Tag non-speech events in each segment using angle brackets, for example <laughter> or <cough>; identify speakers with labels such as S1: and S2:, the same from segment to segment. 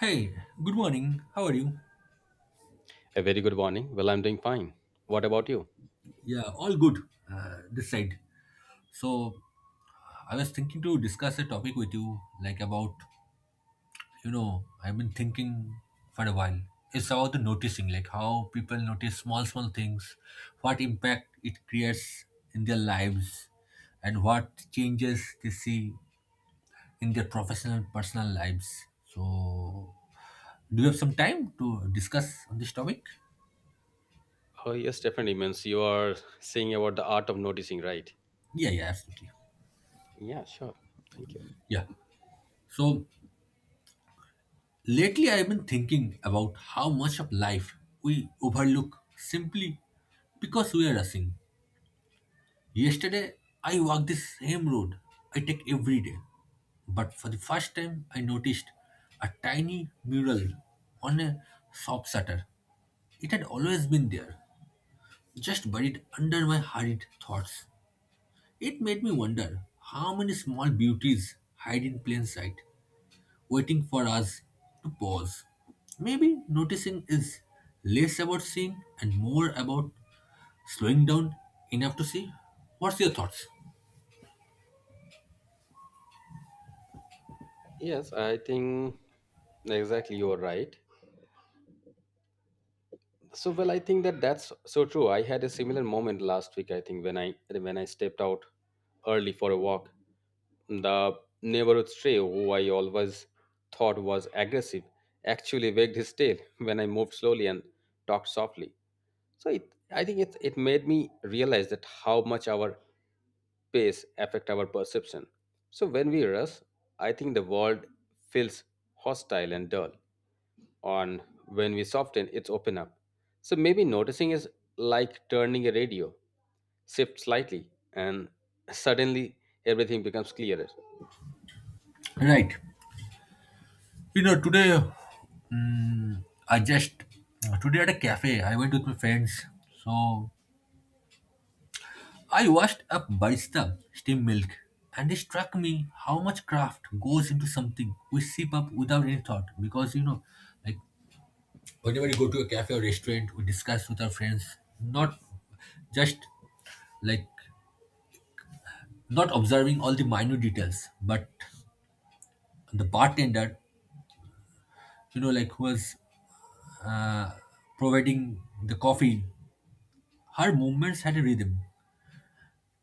S1: Hey, good morning. How are you?
S2: A very good morning. Well, I'm doing fine. What about you?
S1: Yeah, all good. This side. So I was thinking to discuss a topic with you, like about I've been thinking for a while. It's about the noticing, like how people notice small things, what impact it creates in their lives, and what changes they see in their professional and personal lives. So do you have some time to discuss on this topic?
S2: Oh, yes, definitely. Means you are saying about the art of noticing, right?
S1: Yeah, yeah, absolutely.
S2: Yeah, sure. Thank you.
S1: Yeah. So lately, I've been thinking about how much of life we overlook simply because we are rushing. Yesterday, I walked the same road I take every day, but for the first time, I noticed a tiny mural on a shop shutter. It had always been there, just buried under my hurried thoughts. It made me wonder how many small beauties hide in plain sight, waiting for us to pause. Maybe noticing is less about seeing and more about slowing down enough to see. What's your thoughts?
S2: Yes, I think exactly you are right. So, well, I think that's so true. I had a similar moment last week. I think when I stepped out early for a walk, the neighborhood stray who I always thought was aggressive actually wagged his tail <laughs> when I moved slowly and talked softly. So it I think it it made me realize that how much our pace affect our perception. So when we rush, I think the world feels hostile and dull on when we soften it's open up. So maybe noticing is like turning a radio shift slightly and suddenly everything becomes clearer.
S1: Right. You know, mm, I just today at a cafe I went with my friends. So I watched a barista steam milk, and it struck me how much craft goes into something we sip up without any thought. Because you know, like whenever you go to a cafe or restaurant, we discuss with our friends, not just, like, not observing all the minute details, but the bartender, like who was uh, providing the coffee, her movements had a rhythm.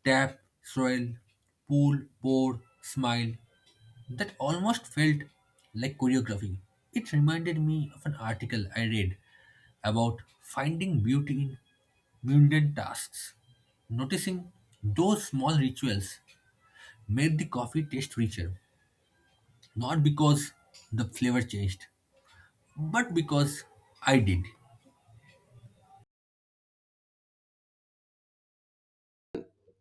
S1: Tap, swirl, pull, pour, smile. That almost felt like choreography. It reminded me of an article I read about finding beauty in mundane tasks. Noticing those small rituals made the coffee taste richer, not because the flavor changed, but because I did.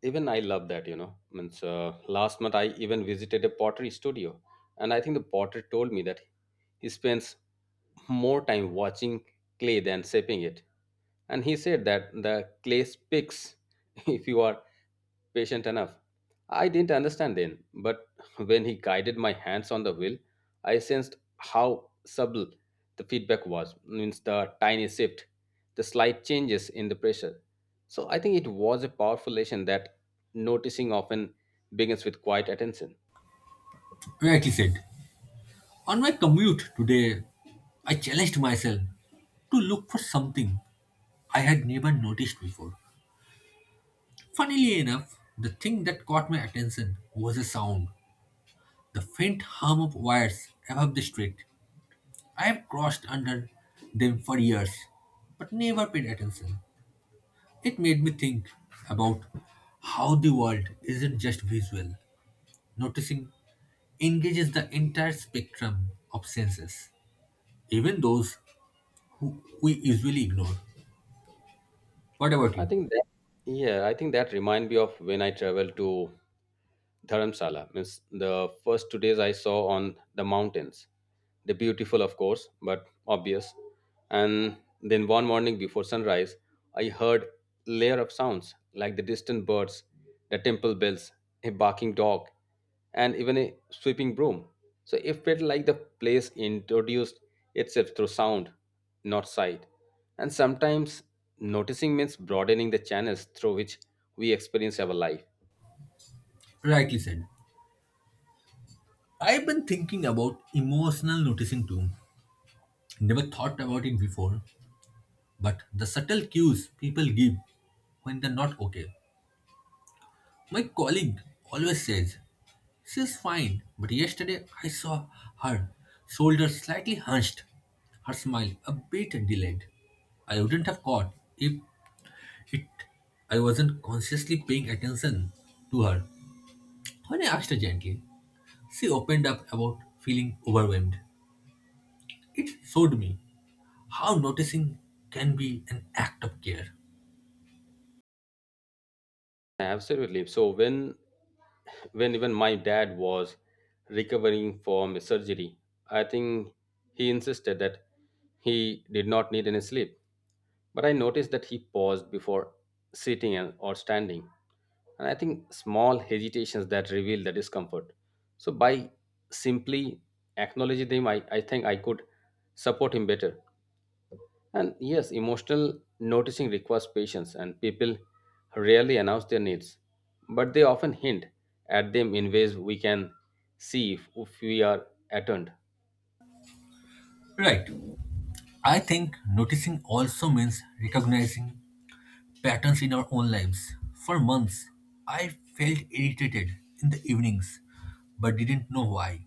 S2: Even I love that. Means last month I even visited a pottery studio, and I think the potter told me that he spends more time watching clay than shaping it. And he said that the clay speaks <laughs> if you are patient enough. I didn't understand then, but when he guided my hands on the wheel, I sensed how subtle the feedback was. Means the tiny shift, the slight changes in the pressure. So I think it was a powerful lesson that noticing often begins with quiet attention.
S1: Rightly said. On my commute today, I challenged myself to look for something I had never noticed before. Funnily enough, the thing that caught my attention was a sound: the faint hum of wires above the street. I have crossed under them for years, but never paid attention. It made me think about how the world isn't just visual. Noticing engages the entire spectrum of senses, even those who we usually ignore. What about
S2: I
S1: you?
S2: think that, yeah, I think that remind me of when I traveled to Dharamsala. Means the first two days I saw on the mountains. They're beautiful, of course, but obvious. And then one morning before sunrise, I heard layer of sounds like the distant birds, the temple bells, a barking dog, and even a sweeping broom. So it felt like the place introduced itself through sound, not sight. And sometimes noticing means broadening the channels through which we experience our life.
S1: Rightly said. I've been thinking about emotional noticing too. Never thought about it before, but the subtle cues people give when they're not okay. My colleague always says, "She's fine," but yesterday I saw her shoulders slightly hunched, her smile a bit delayed. I wouldn't have caught if it I wasn't consciously paying attention to her. When I asked her gently, she opened up about feeling overwhelmed. It showed me how noticing can be an act of care.
S2: Absolutely. So when even my dad was recovering from his surgery, I think he insisted that he did not need any sleep. But I noticed that he paused before sitting and or standing. And I think small hesitations that reveal the discomfort. So by simply acknowledging them, I think I could support him better. And yes, emotional noticing requires patience, and people rarely announce their needs, but they often hint at them in ways we can see if we are attuned.
S1: Right. I think noticing also means recognizing patterns in our own lives. For months, I felt irritated in the evenings, but didn't know why.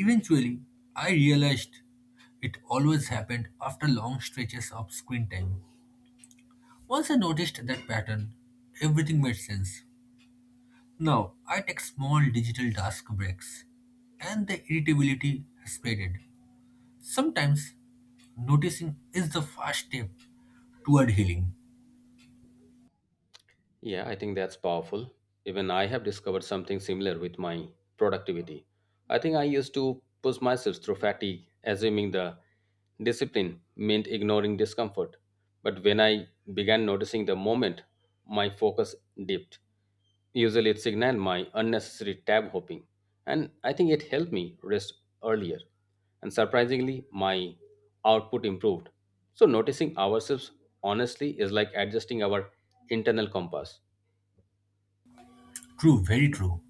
S1: Eventually, I realized it always happened after long stretches of screen time. Once I noticed that pattern, everything made sense. Now, I take small digital task breaks, and the irritability has faded. Sometimes, noticing is the first step toward healing.
S2: Yeah, I think that's powerful. Even I have discovered something similar with my productivity. I think I used to push myself through fatigue, assuming the discipline meant ignoring discomfort. But when I began noticing the moment, my focus dipped. Usually it signaled my unnecessary tab hopping. And I think it helped me rest earlier, and surprisingly, my output improved. So, noticing ourselves honestly is like adjusting our internal compass.
S1: True, very true.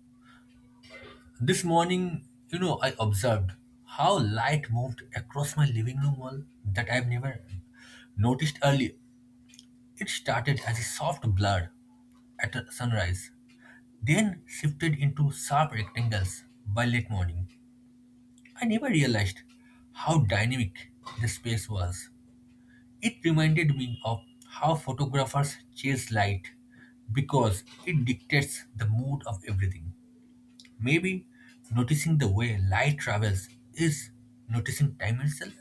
S1: This morning, I observed how light moved across my living room wall that I've never noticed earlier. It started as a soft blur at a sunrise, then shifted into sharp rectangles by late morning. I never realized how dynamic the space was. It reminded me of how photographers chase light because it dictates the mood of everything. Maybe noticing the way light travels is noticing time itself?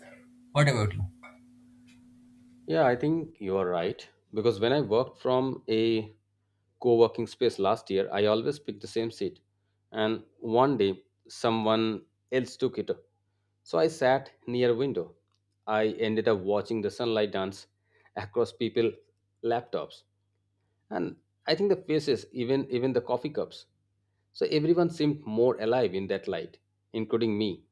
S1: What about you?
S2: Yeah, I think you are right. Because when I worked from a co working space last year, I always picked the same seat. And one day, someone else took it. So I sat near a window. I ended up watching the sunlight dance across people's laptops. And I think the faces, even the coffee cups. So everyone seemed more alive in that light, including me.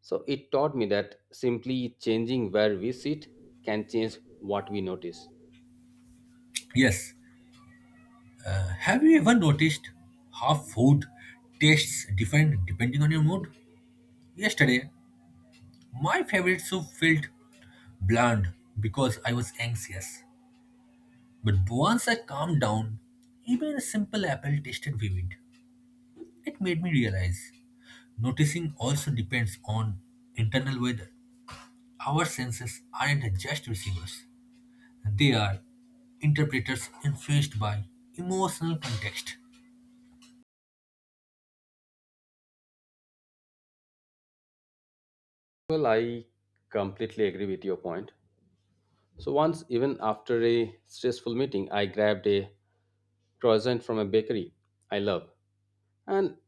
S2: So it taught me that simply changing where we sit can change what we notice.
S1: Yes. Have you ever noticed how food tastes different depending on your mood? Yesterday, my favorite soup felt bland because I was anxious. But once I calmed down, even a simple apple tasted vivid. It made me realize noticing also depends on internal weather. Our senses aren't just receivers, they are interpreters influenced by emotional context.
S2: Well, I completely agree with your point. So once, even after a stressful meeting, I grabbed a croissant from a bakery I love, and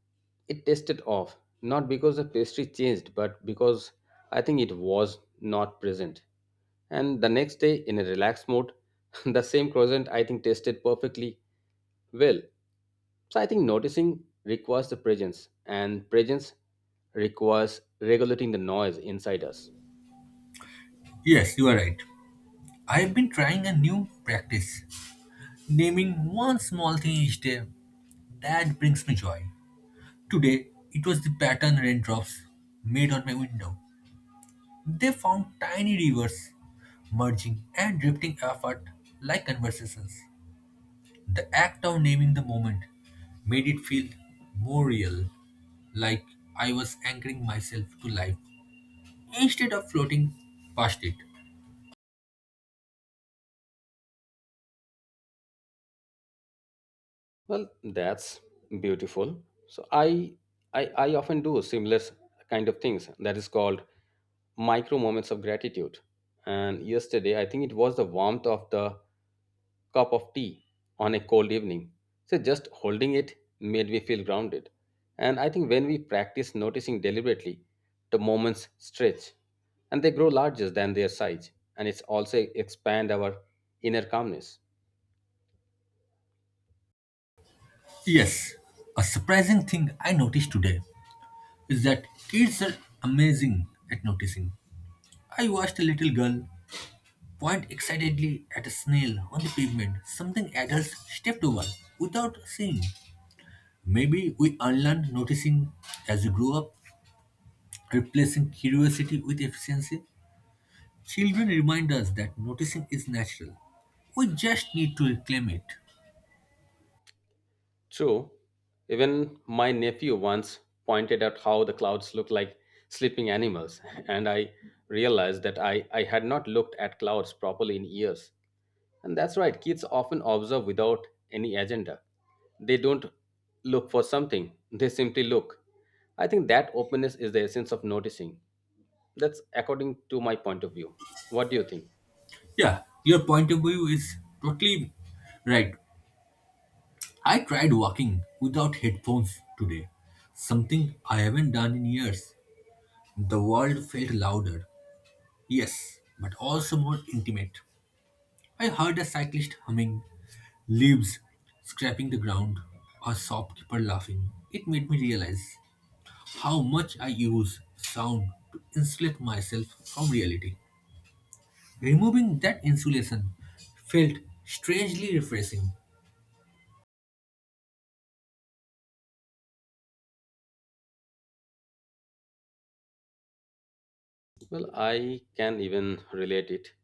S2: it tasted off. Not because the pastry changed, but because I think it was not present. And the next day, in a relaxed mode, <laughs> the same croissant I think tasted perfectly. Well, so I think noticing requires the presence, and presence requires regulating the noise inside us.
S1: Yes, you are right. I've been trying a new practice, naming one small thing each day that brings me joy. Today, it was the pattern raindrops made on my window. They found tiny rivers merging and drifting apart like conversations. The act of naming the moment made it feel more real, like I was anchoring myself to life instead of floating past it.
S2: Well, that's beautiful. So I often do similar kind of things. That is called micro moments of gratitude. And yesterday, I think it was the warmth of the cup of tea on a cold evening. So just holding it made me feel grounded. And I think when we practice noticing deliberately, the moments stretch and they grow larger than their size. And it's also expand our inner calmness.
S1: Yes, a surprising thing I noticed today is that kids are amazing at noticing. I watched a little girl point excitedly at a snail on the pavement, something adults stepped over without seeing. Maybe we unlearn noticing as we grow up, replacing curiosity with efficiency. Children remind us that noticing is natural. We just need to reclaim it.
S2: True. Even my nephew once pointed out how the clouds look like sleeping animals, <laughs> and I realized that I had not looked at clouds properly in years. And that's right, kids often observe without any agenda. They don't look for something, they simply look. I think that openness is the essence of noticing. That's according to my point of view. What do you think?
S1: Yeah, your point of view is totally right. I tried walking without headphones today, something I haven't done in years. The world felt louder, yes, but also more intimate. I heard a cyclist humming, leaves scraping the ground, a shopkeeper laughing. It made me realize how much I use sound to insulate myself from reality. Removing that insulation felt strangely refreshing.
S2: Well, I can even relate it.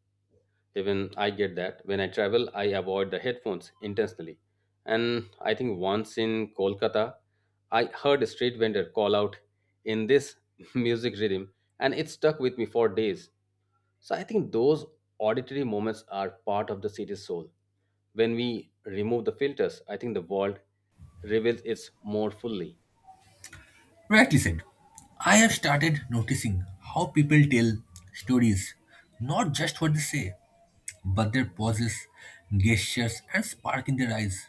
S2: Even I get that. When I travel, I avoid the headphones intentionally. And I think once in Kolkata, I heard a street vendor call out in this <laughs> music rhythm, and it stuck with me for days. So I think those auditory moments are part of the city's soul. When we remove the filters, I think the world reveals its more fully.
S1: Rightly said. I have started noticing how people tell stories, not just what they say, but their pauses, gestures, and spark in their eyes.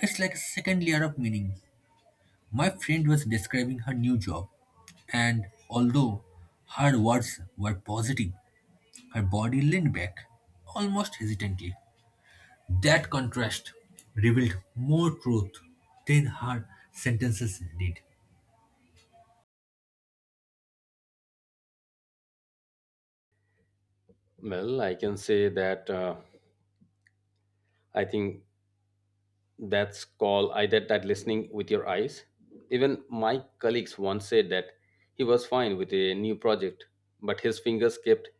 S1: It's like a second layer of meaning. My friend was describing her new job, and although her words were positive, her body leaned back, almost hesitantly. That contrast revealed more truth than her sentences did.
S2: Well, I can say that I think that's called either that listening with your eyes. Even my colleagues once said that he was fine with a new project, but his fingers kept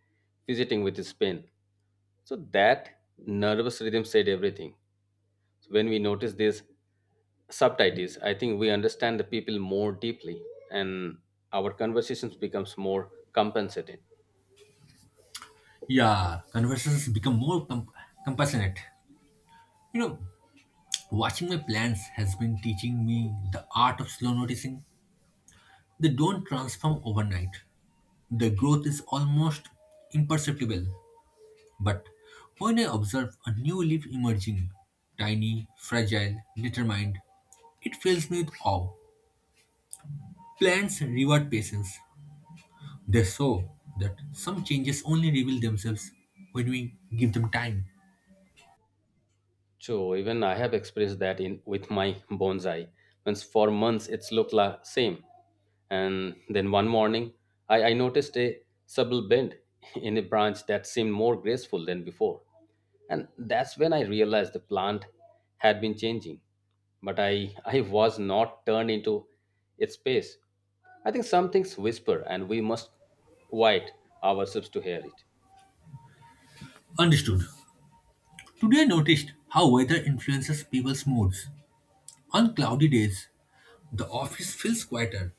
S2: fidgeting with his pen. So that nervous rhythm said everything. So when we notice these subtitles, I think we understand the people more deeply and our conversations becomes more compensating.
S1: Yeah, conversations become more compassionate. You know, watching my plants has been teaching me the art of slow noticing. They don't transform overnight. The growth is almost imperceptible. But when I observe a new leaf emerging, tiny, fragile, determined, it fills me with awe. Plants reward patience. They show that some changes only reveal themselves when we give them time.
S2: So even I have expressed that in with my bonsai. Once for months it's looked la same, and then one morning I noticed a subtle bend <laughs> in a branch that seemed more graceful than before, and that's when I realized the plant had been changing, but I was not turned into its pace. I think some things whisper, and we must quiet ourselves to hear it.
S1: Understood. Today I noticed how weather influences people's moods. On cloudy days, the office feels quieter,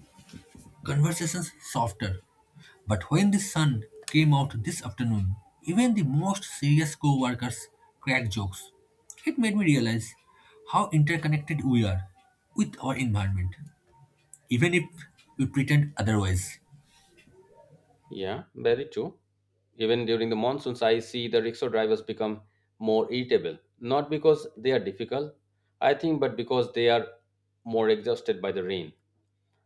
S1: conversations softer. But when the sun came out this afternoon, even the most serious co-workers cracked jokes. It made me realize how interconnected we are with our environment, even if we pretend otherwise.
S2: Yeah, very true. Even during the monsoons, I see the rickshaw drivers become more irritable. Not because they are difficult, I think, but because they are more exhausted by the rain.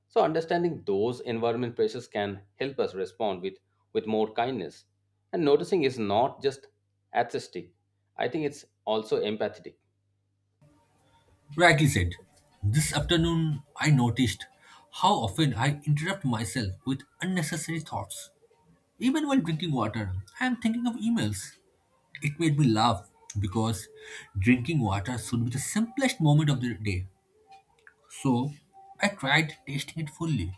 S2: So understanding those environment pressures can help us respond with more kindness. And noticing is not just artistic. I think it's also empathetic.
S1: Rightly said. This afternoon I noticed how often I interrupt myself with unnecessary thoughts. Even while drinking water, I am thinking of emails. It made me laugh because drinking water should be the simplest moment of the day. So I tried tasting it fully.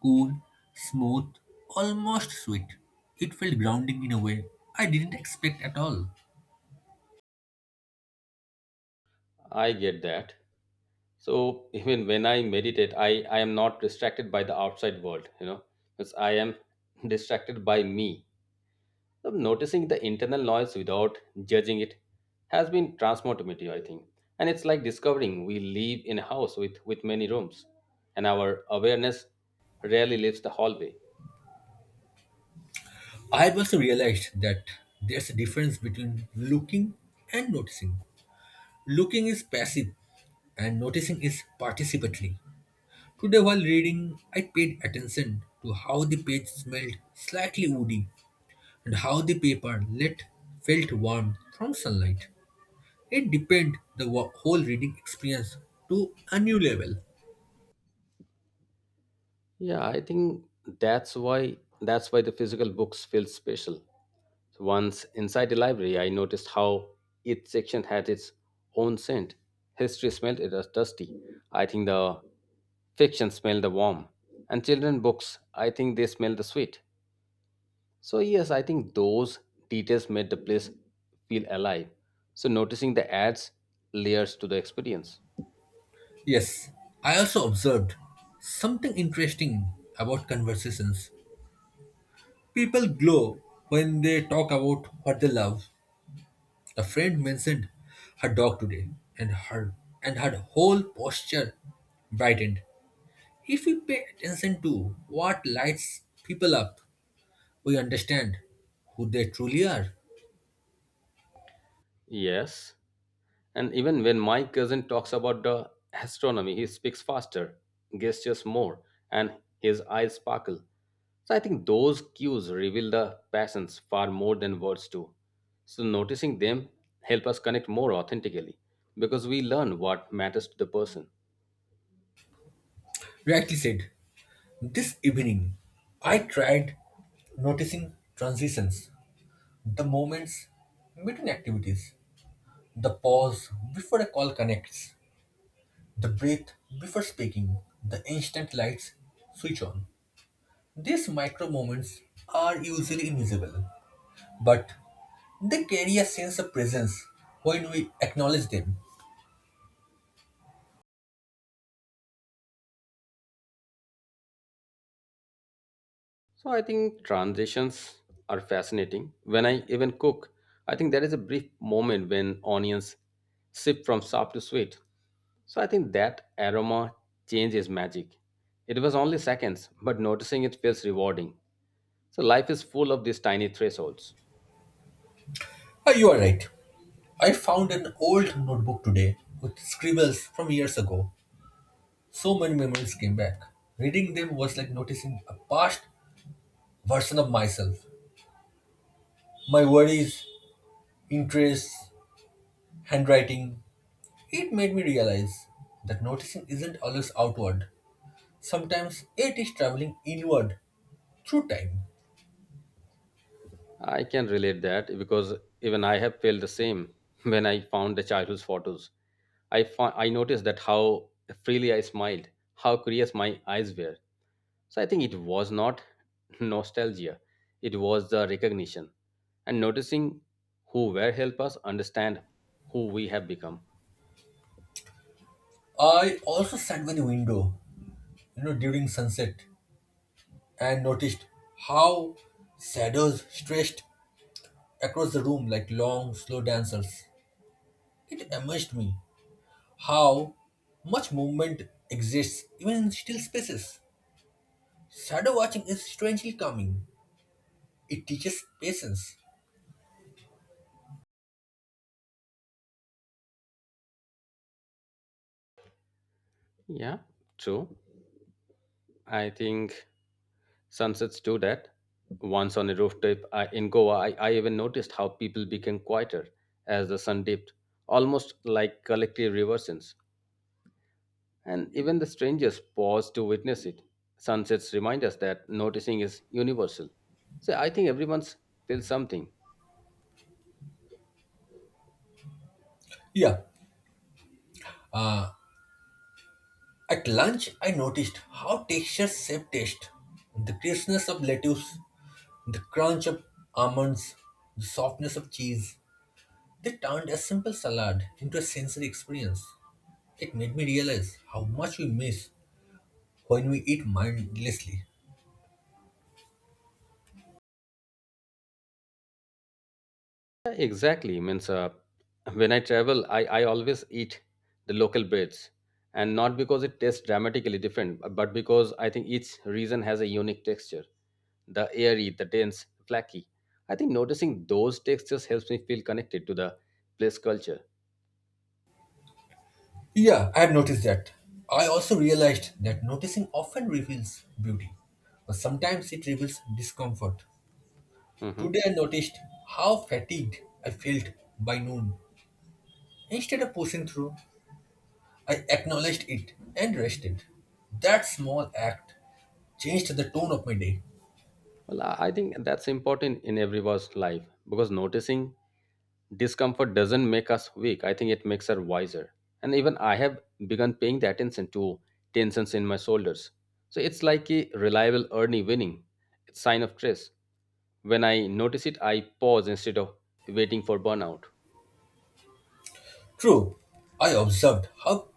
S1: Cool, smooth, almost sweet. It felt grounding in a way I didn't expect at all.
S2: I get that. So <laughs> even when I meditate, I am not distracted by the outside world, because I am <laughs> distracted by me. Noticing the internal noise without judging it has been transformative, I think. And it's like discovering we live in a house with many rooms, and our awareness rarely leaves the hallway.
S1: I also realized that there's a difference between looking and noticing. Looking is passive and noticing is participatory. Today, while reading, I paid attention to how the page smelled slightly woody and how the paper lit felt warm from sunlight. It deepened the whole reading experience to a new level.
S2: Yeah, I think that's why that's why the physical books feel special. So once inside the library, I noticed how each section had its own scent. History smelled it was dusty. I think the fiction smelled the warm. And children books, I think they smell the sweet. So, yes, I think those details made the place feel alive. So, noticing the ads layers to the experience.
S1: Yes, I also observed something interesting about conversations. People glow when they talk about what they love. A friend mentioned her dog today, and her whole posture brightened. If we pay attention to what lights people up, we understand who they truly are.
S2: Yes. And even when my cousin talks about the astronomy, he speaks faster, gestures more, and his eyes sparkle. So, I think those cues reveal the passions far more than words do. So, noticing them help us connect more authentically because we learn what matters to the person.
S1: Rightly said. This evening I tried noticing transitions, the moments between activities, the pause before a call connects, the breath before speaking, the instant lights switch on. These micro moments are usually invisible, but they carry a sense of presence when we acknowledge them.
S2: So I think transitions are fascinating. When I even cook, I think there is a brief moment when onions shift from soft to sweet. So I think that aroma change is magic. It was only seconds, but noticing it feels rewarding. So life is full of these tiny thresholds.
S1: Ah, you are right. I found an old notebook today with scribbles from years ago. So many memories came back. Reading them was like noticing a past version of myself. My worries, interests, handwriting. It made me realize that noticing isn't always outward. Sometimes it is traveling inward through time.
S2: I can relate that because even I have felt the same <laughs> when I found the childhood photos. I noticed that how freely I smiled, how curious my eyes were. So I think it was not <laughs> nostalgia, it was the recognition and noticing who were help us understand who we have become.
S1: I also sat by the window, during sunset and noticed how shadows stretched across the room like long, slow dancers. It amazed me how much movement exists even in still spaces. Shadow watching is strangely calming. It teaches patience.
S2: Yeah, true. I think sunsets do that. Once on a rooftop in Goa, I even noticed how people became quieter as the sun dipped, almost like collective reversions. And even the strangers paused to witness it. Sunsets remind us that noticing is universal. So I think everyone's feels something.
S1: Yeah, at lunch I noticed how textures shape taste. The crispness of lettuce, the crunch of almonds, the softness of cheese. They turned a simple salad into a sensory experience. It made me realize how much we miss when we eat mindlessly.
S2: Yeah, exactly. Means when I travel, I always eat the local breads. And not because it tastes dramatically different, but because I think each region has a unique texture. The airy, the dense, flaky. I think noticing those textures helps me feel connected to the place culture.
S1: Yeah, I have noticed that. I also realized that noticing often reveals beauty, but sometimes it reveals discomfort.
S2: Mhm.
S1: Today I noticed how fatigued I felt by noon. Instead of pushing through, I acknowledged it and rested. That small act changed the tone of my day.
S2: Well, I think that's important in everyone's life because noticing discomfort doesn't make us weak. I think it makes us wiser. And even I have begun paying the attention to tensions in my shoulders. So it's like a reliable early winning. It's sign of stress. When I notice it, I pause instead of waiting for burnout.
S1: True, I observed how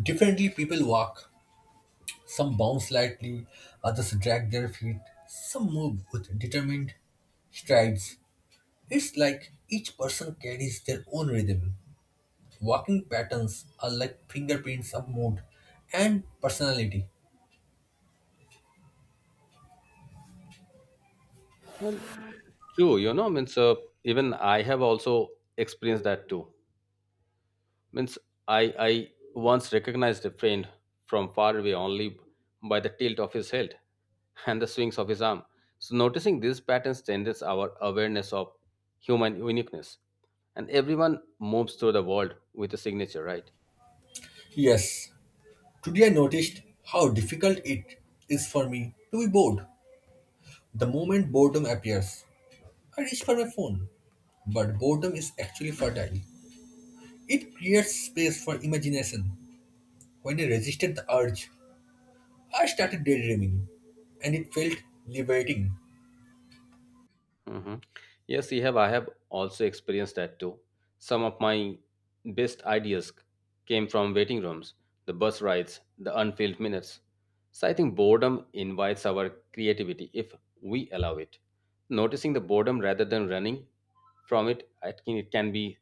S1: differently people walk. Some bounce lightly, others drag their feet, some move with determined strides. It's like each person carries their own rhythm. Walking patterns are like fingerprints of mood and personality.
S2: Well, true, means even I have also experienced that too. Means I once recognized a friend from far away only by the tilt of his head and the swings of his arm. So noticing these patterns strengthens our awareness of human uniqueness. And everyone moves through the world with a signature, right?
S1: Yes, today I noticed how difficult it is for me to be bored. The moment boredom appears, I reach for my phone. But boredom is actually fertile. It creates space for imagination. When I resisted the urge, I started daydreaming, and it felt liberating.
S2: Hmm. Yes, you have. I have also experienced that too. Some of my best ideas came from waiting rooms, the bus rides, the unfilled minutes. So I think boredom invites our creativity if we allow it. Noticing the boredom rather than running from it, I think it can be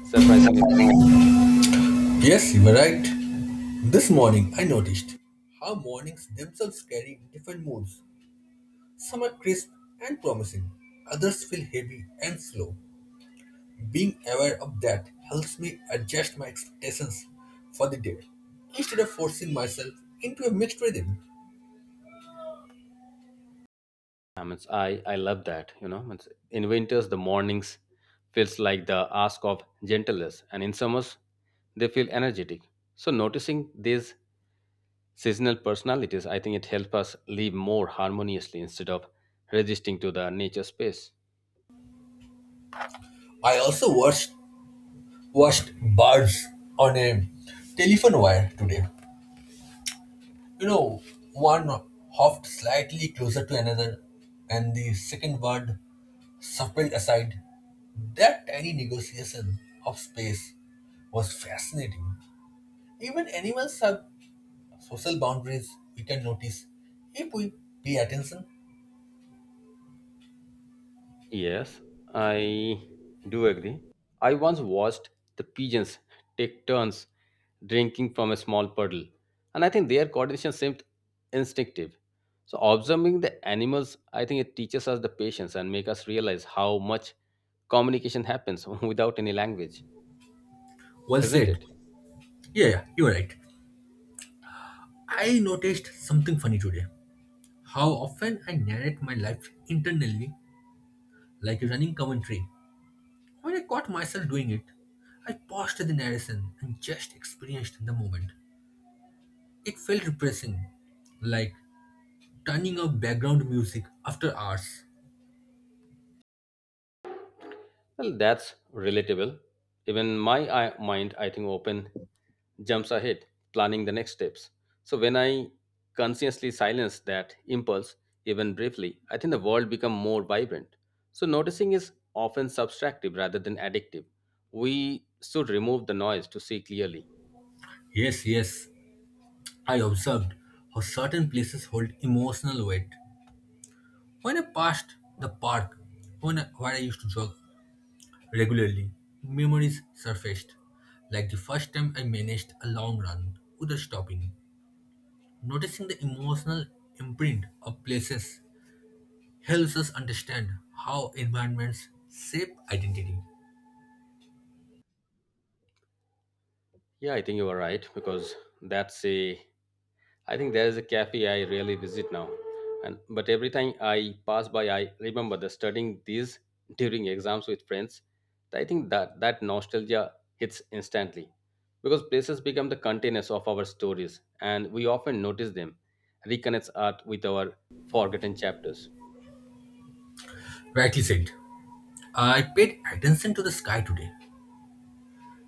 S2: surprising.
S1: Yes, you were right. This morning I noticed how mornings themselves carry different moods. Some are crisp and promising, others feel heavy and slow. Being aware of that helps me adjust my expectations for the day instead of forcing myself into a mixed rhythm.
S2: I mean, I love that. Means in winters, the mornings feels like the ask of gentleness, and in summers, they feel energetic. So noticing these seasonal personalities, I think it helps us live more harmoniously instead of resisting to the nature space.
S1: I also watched birds on a telephone wire today. You know, one hopped slightly closer to another, and the second bird subtle aside, that tiny negotiation of space was fascinating. Even animals have social boundaries we can notice if we pay attention.
S2: Yes, I do agree. I once watched the pigeons take turns drinking from a small puddle, and I think their coordination seemed instinctive. So observing the animals, I think it teaches us the patience and make us realize how much communication happens <laughs> without any language,
S1: Well
S2: isn't
S1: said.
S2: it?
S1: Yeah, yeah, you're right. I noticed something funny today. How often I narrate my life internally like a running commentary. When I caught myself doing it, I paused the narration and just experienced the moment. It felt refreshing, like turning off background music after hours.
S2: Well, that's relatable. Even my mind, I think, open jumps ahead, planning the next steps. So when I consciously silence that impulse, even briefly, I think the world becomes more vibrant. So noticing is often subtractive rather than addictive. We should remove the noise to see clearly.
S1: Yes, yes, I observed how certain places hold emotional weight. When I passed the park where I used to jog regularly, memories surfaced, like the first time I managed a long run without stopping. Noticing the emotional imprint of places helps us understand how environments shape identity.
S2: Yeah, I think you are right because that's a I think there is a cafe I rarely visit now, and but every time I pass by, I remember the studying these during exams with friends. I think that nostalgia hits instantly because places become the containers of our stories, and we often notice them, reconnects art with our forgotten chapters.
S1: Rightly said. I paid attention to the sky today.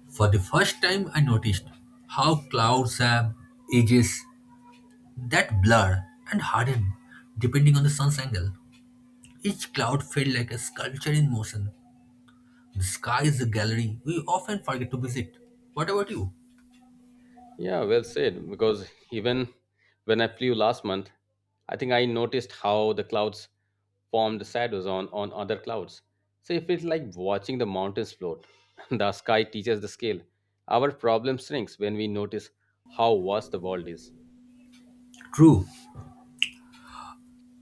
S1: For the first time, I noticed how clouds have edges that blur and harden depending on the sun's angle. Each cloud felt like a sculpture in motion. The sky is a gallery we often forget to visit. What about you?
S2: Yeah, well said. Because even when I flew last month, I think I noticed how the clouds formed shadows on other clouds. So it feels like watching the mountains float. <laughs> The sky teaches the scale. Our problem shrinks when we notice how vast the world is.
S1: True,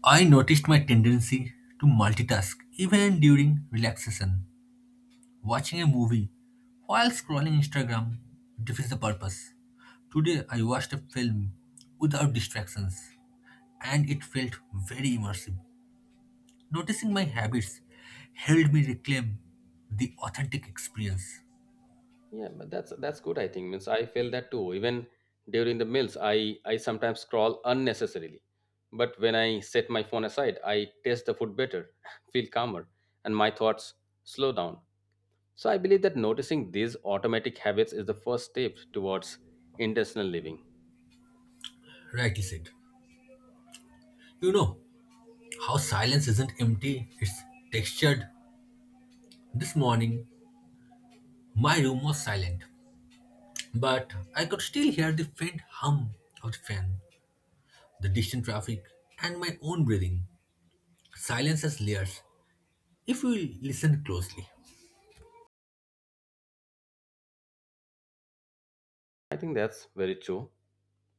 S1: I noticed my tendency to multitask even during relaxation. Watching a movie while scrolling Instagram defeats the purpose. Today I watched a film without distractions and it felt very immersive. Noticing my habits helped me reclaim the authentic experience.
S2: Yeah, but that's good. I think means I feel that too. Even during the meals, I sometimes scroll unnecessarily. But when I set my phone aside, I taste the food better, <laughs> feel calmer, and my thoughts slow down. So I believe that noticing these automatic habits is the first step towards intentional living.
S1: Rightly said. You know how silence isn't empty, it's textured. This morning, my room was silent, but I could still hear the faint hum of the fan, the distant traffic, and my own breathing. Silence has layers if we listen closely.
S2: I think that's very true.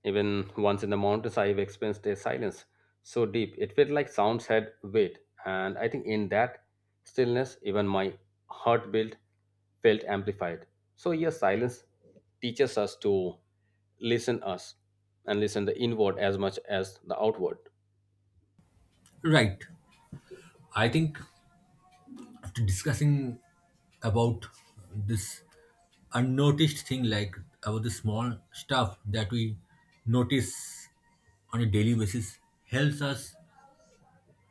S2: Even once in the mountains, I've experienced a silence so deep it felt like sounds had weight, and I think in that stillness, even my heartbeat felt amplified. So yes, silence teaches us to listen us and listen the inward as much as the outward.
S1: Right. I think after discussing about this unnoticed thing, like about the small stuff that we notice on a daily basis, helps us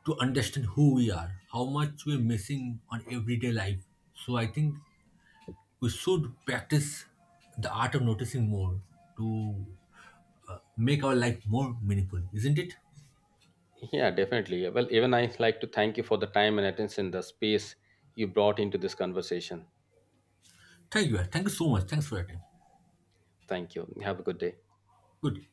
S1: to understand who we are, how much we're missing on everyday life. So I think we should practice the art of noticing more to make our life more meaningful, isn't it?
S2: Yeah, definitely. Well, even I like to thank you for the time and attention, the space you brought into this conversation.
S1: Thank you, thank you so much. Thanks for your time.
S2: Thank you. Have a good day.
S1: Good.